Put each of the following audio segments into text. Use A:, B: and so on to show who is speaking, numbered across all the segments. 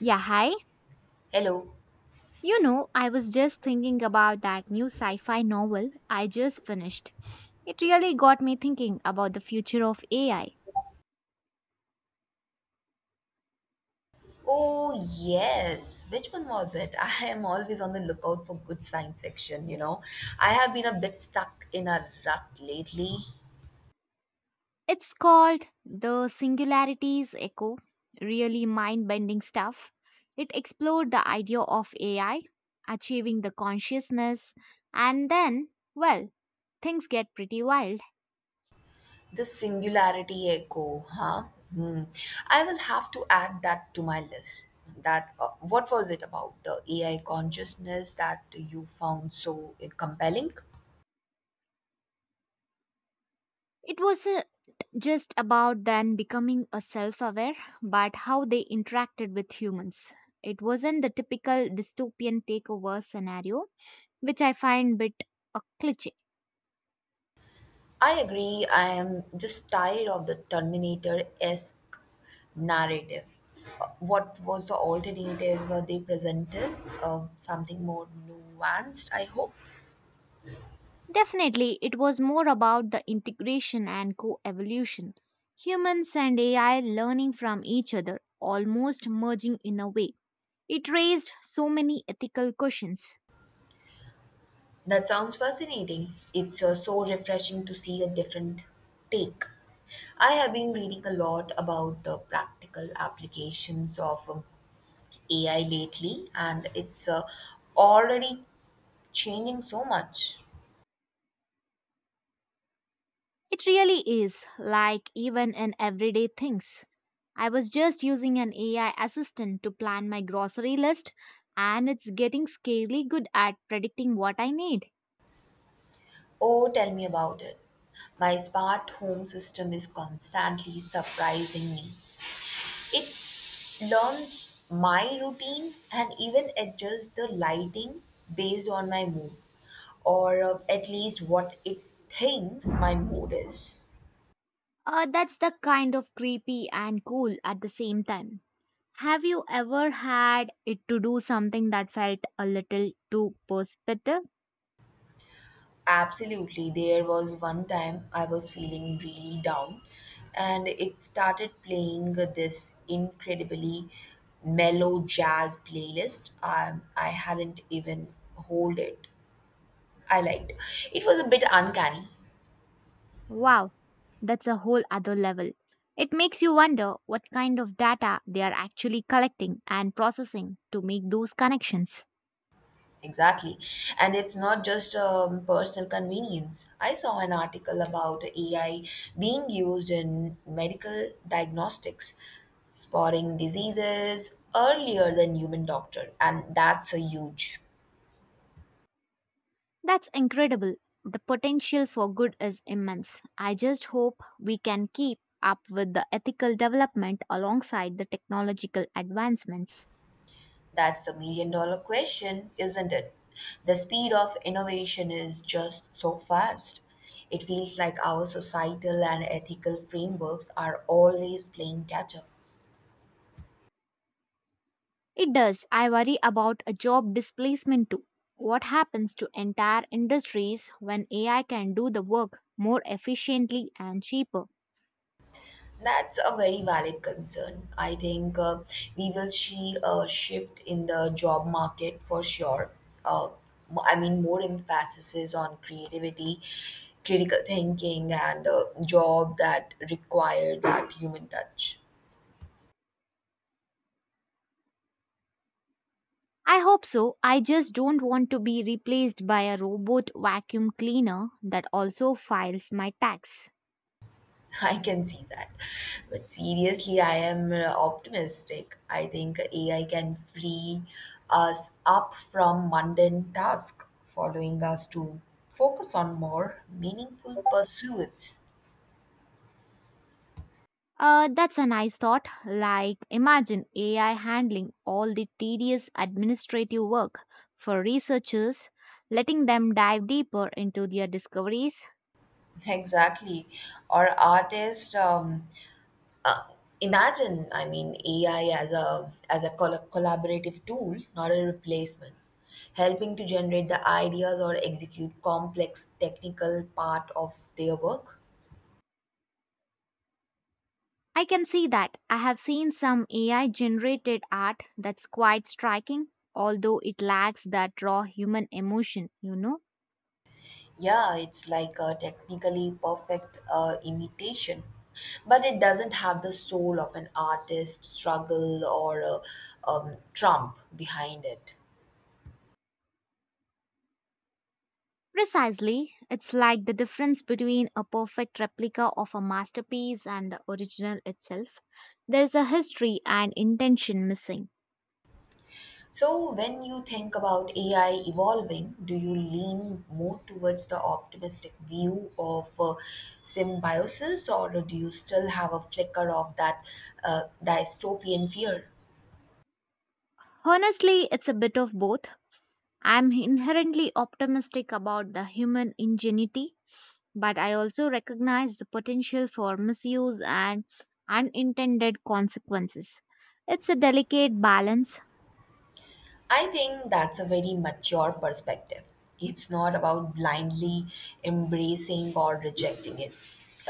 A: Yeah, hi.
B: Hello.
A: You know, I was just thinking about that new sci fi novel I just finished. It really got me thinking about the future of AI.
B: Oh, yes. Which one was it? I am always on the lookout for good science fiction, you know. I have been a bit stuck in a rut lately.
A: It's called The Singularity's Echo. Really mind bending stuff. It explored the idea of AI achieving the consciousness, and then, well, things get pretty wild.
B: The Singularity Echo, huh? Hmm. I will have to add that to my list. That What was it about the AI consciousness that you found so compelling?
A: It was a just about then becoming a self-aware, but how they interacted with humans. It wasn't the typical dystopian takeover scenario, which I find bit a cliche.
B: I agree. I am just tired of the Terminator esque narrative. What was the alternative they presented? Something more nuanced, I hope.
A: Definitely it was more about the integration and co-evolution, humans and ai learning from each other, almost merging in a way. It raised so many ethical questions.
B: That sounds fascinating. It's so refreshing to see a different take. I have been reading a lot about the practical applications of AI lately, and it's already changing so much.
A: It really is, like even in everyday things. I was just using an AI assistant to plan my grocery list, and it's getting scarily good at predicting what I need.
B: Oh, tell me about it. My smart home system is constantly surprising me. It learns my routine and even adjusts the lighting based on my mood, or at least what it thinks my mood is.
A: That's the kind of creepy and cool at the same time. Have you ever had it to do something that felt a little too perspective?
B: Absolutely. There was one time I was feeling really down, and it started playing this incredibly mellow jazz playlist. I hadn't even hold it. I liked. It was a bit uncanny.
A: Wow, that's a whole other level. It makes you wonder what kind of data they are actually collecting and processing to make those connections.
B: Exactly. And it's not just personal convenience. I saw an article about AI being used in medical diagnostics, spotting diseases earlier than human doctor. And that's a huge,
A: That's incredible. The potential for good is immense. I just hope we can keep up with the ethical development alongside the technological advancements.
B: that's the $1 million question, isn't it? The speed of innovation is just so fast. It feels like our societal and ethical frameworks are always playing catch up.
A: It does. I worry about a job displacement too. What happens to entire industries when AI can do the work more efficiently and cheaper?
B: That's a very valid concern. I think we will see a shift in the job market for sure. Uh, More emphasis is on creativity, critical thinking, and a job that require that human touch.
A: I hope so. I just don't want to be replaced by a robot vacuum cleaner that also files my tax.
B: I can see that. But seriously, I am optimistic. I think AI can free us up from mundane tasks, allowing us to focus on more meaningful pursuits.
A: That's a nice thought. Like, imagine AI handling all the tedious administrative work for researchers, letting them dive deeper into their discoveries.
B: Exactly. Or artists, uh, AI as a collaborative tool, not a replacement helping to generate the ideas or execute complex technical part of their work.
A: I can see that. I have seen some AI generated art that's quite striking, although it lacks that raw human emotion, you know?
B: Yeah, it's like a technically perfect imitation, but it doesn't have the soul of an artist struggle or a trump behind it.
A: Precisely, it's like the difference between a perfect replica of a masterpiece and the original itself. There's a history and intention missing.
B: So, when you think about AI evolving, do you lean more towards the optimistic view of symbiosis, or do you still have a flicker of that dystopian fear?
A: Honestly, it's a bit of both. I'm inherently optimistic about the human ingenuity, but I also recognize the potential for misuse and unintended consequences. It's a delicate balance,
B: I think that's a very mature perspective. It's not about blindly embracing or rejecting it,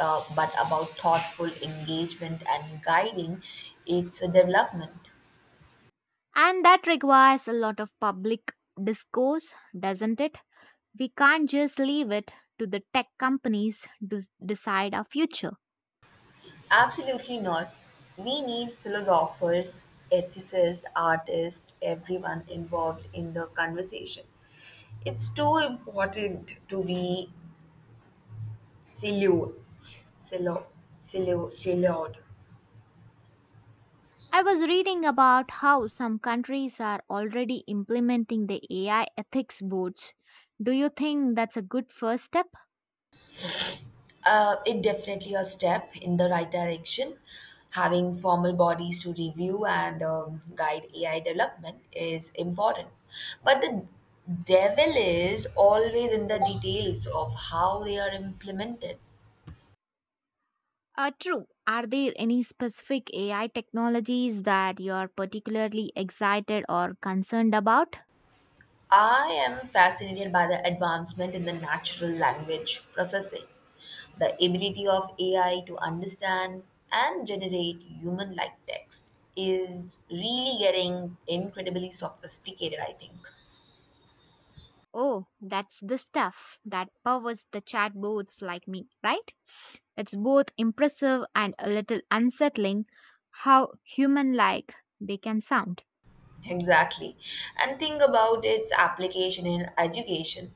B: but about thoughtful engagement and guiding its development.
A: and that requires a lot of public discourse, doesn't it? We can't just leave it to the tech companies to decide our future.
B: Absolutely not. We need philosophers, ethicists, artists, everyone involved in the conversation. It's too important to be siloed, silo, siloed.
A: I was reading about how some countries are already implementing the AI ethics boards. Do you think that's a good first step?
B: It definitely a step in the right direction. Having formal bodies to review and guide AI development is important. But the devil is always in the details of how they are implemented.
A: True. Are there any specific AI technologies that you're particularly excited or concerned about?
B: I am fascinated by the advancement in the natural language processing, the ability of AI to understand and generate human like text is really getting incredibly sophisticated, I think.
A: Oh, that's the stuff that powers the chatbots like me, right? It's both impressive and a little unsettling how human like they can sound.
B: Exactly. And think about its application in education.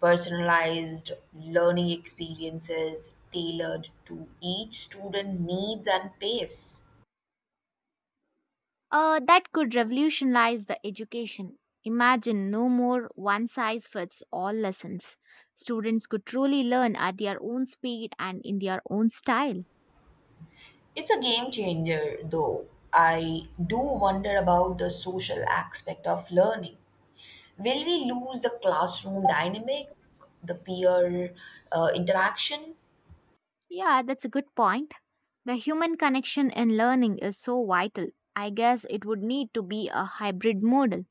B: Personalized learning experiences tailored to each student needs and pace.
A: That could revolutionize the education. Imagine no more one size fits all lessons. Students could truly learn at their own speed and in their own style.
B: It's a game changer though. I do wonder about the social aspect of learning. Will we lose the classroom dynamic, the peer interaction?
A: Yeah, that's a good point. The human connection in learning is so vital. I guess it would need to be a hybrid model.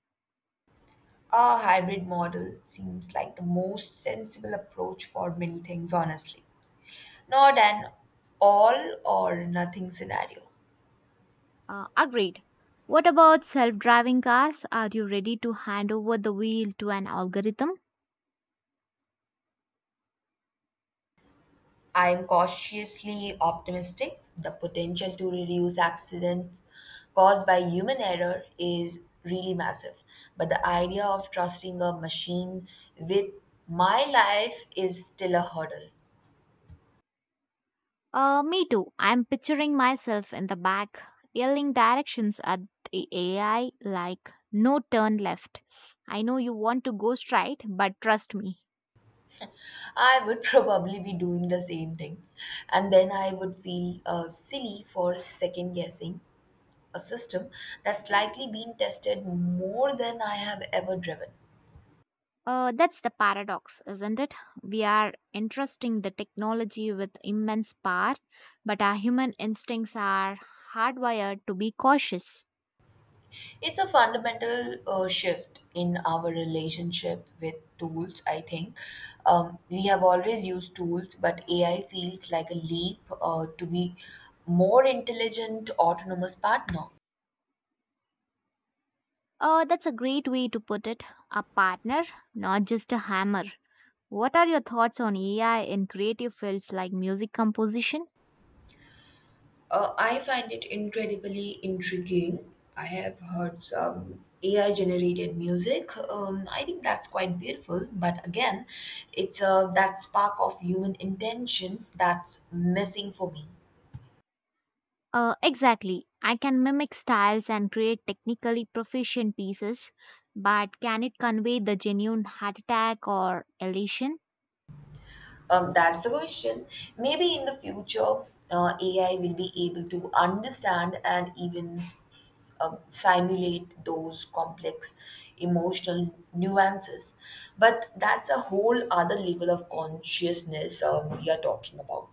B: A hybrid model seems like the most sensible approach for many things, honestly. Not an all or nothing scenario.
A: Agreed. What about self driving cars? Are you ready to hand over the wheel to an algorithm?
B: I am cautiously optimistic. The potential to reduce accidents caused by human error is really massive. But the idea of trusting a machine with my life is still a hurdle.
A: Me too. I'm picturing myself in the back, yelling directions at the AI like, no turn left. I know you want to go straight, but trust me.
B: I would probably be doing the same thing. And then I would feel silly for second guessing a system that's likely been tested more than I have ever driven.
A: That's the paradox, isn't it? We are entrusting the technology with immense power, but our human instincts are hardwired to be cautious.
B: It's a fundamental shift in our relationship with tools, I think. We have always used tools, but AI feels like a leap to be more intelligent, autonomous partner.
A: That's a great way to put it. A partner, not just a hammer. What are your thoughts on AI in creative fields like music composition?
B: I find it incredibly intriguing. I have heard some AI generated music. I think that's quite beautiful, but again, it's that spark of human intention that's missing for me.
A: Exactly. I can mimic styles and create technically proficient pieces, but can it convey the genuine heart attack or elation?
B: That's the question. Maybe in the future, AI will be able to understand and even simulate those complex emotional nuances. But that's a whole other level of consciousness we are talking about.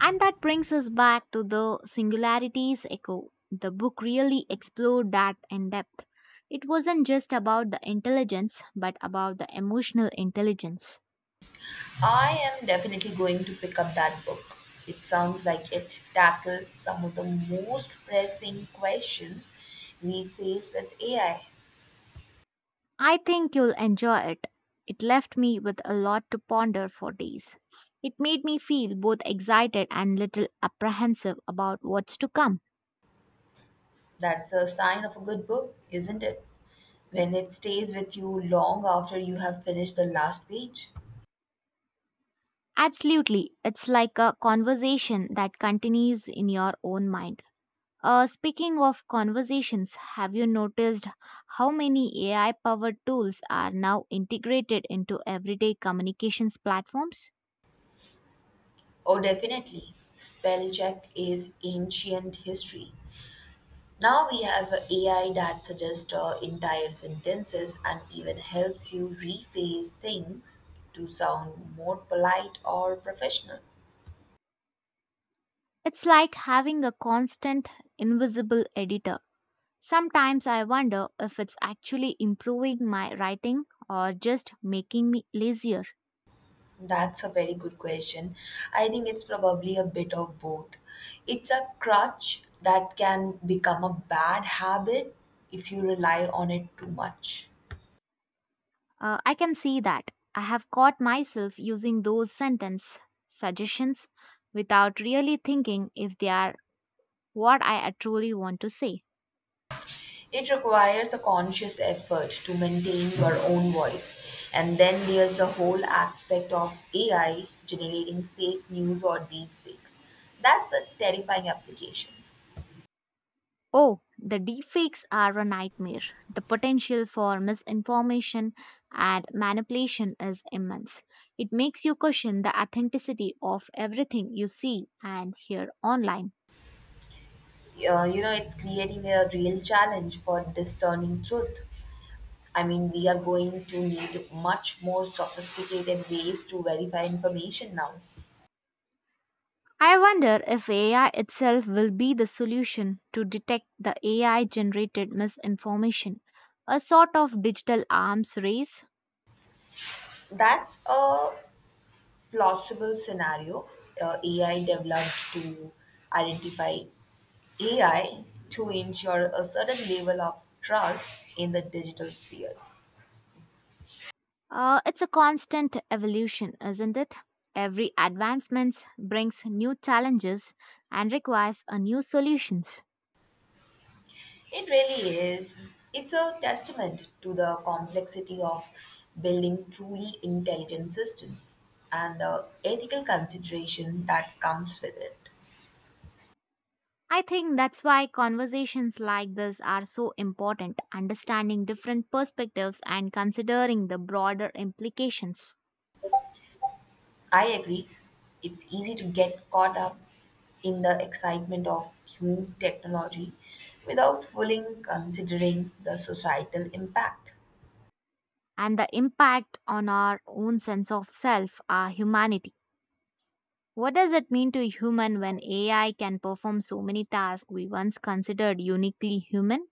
A: And that brings us back to the singularities echo. The book really explored that in depth. It wasn't just about the intelligence, but about the emotional intelligence.
B: I am definitely going to pick up that book. It sounds like it tackles some of the most pressing questions we face with AI.
A: I think you'll enjoy it. It left me with a lot to ponder for days. It made me feel both excited and little apprehensive about what's to come.
B: That's a sign of a good book, isn't it? When it stays with you long after you have finished the last page.
A: Absolutely, it's like a conversation that continues in your own mind. Speaking of conversations, have you noticed how many AI powered tools are now integrated into everyday communications platforms?
B: Oh, definitely. Spell check is ancient history. Now we have a AI that suggests entire sentences and even helps you rephrase things to sound more polite or professional.
A: It's like having a constant, invisible editor. Sometimes I wonder if it's actually improving my writing or just making me lazier.
B: That's a very good question. I think it's probably a bit of both. It's a crutch that can become a bad habit if you rely on it too much.
A: I can see that. I have caught myself using those sentence suggestions without really thinking if they are what I truly want to say.
B: It requires a conscious effort to maintain your own voice. And then there's the whole aspect of AI generating fake news or deep fakes. That's a terrifying application.
A: Oh, the deepfakes are a nightmare. The potential for misinformation and manipulation is immense. It makes you question the authenticity of everything you see and hear online.
B: You know, it's creating a real challenge for discerning truth. I mean, we are going to need much more sophisticated ways to verify information now.
A: I wonder if AI itself will be the solution to detect the AI generated misinformation, a sort of digital arms race.
B: That's a plausible scenario. AI developed to identify AI to ensure a certain level of trust in the digital sphere.
A: It's a constant evolution, isn't it? Every advancement brings new challenges and requires a new solutions.
B: It really is. It's a testament to the complexity of building truly intelligent systems and the ethical consideration that comes with it.
A: I think that's why conversations like this are so important, understanding different perspectives and considering the broader implications.
B: I agree. It's easy to get caught up in the excitement of new technology without fully considering the societal impact.
A: And the impact on our own sense of self, our humanity. What does it mean to human when AI can perform so many tasks we once considered uniquely human?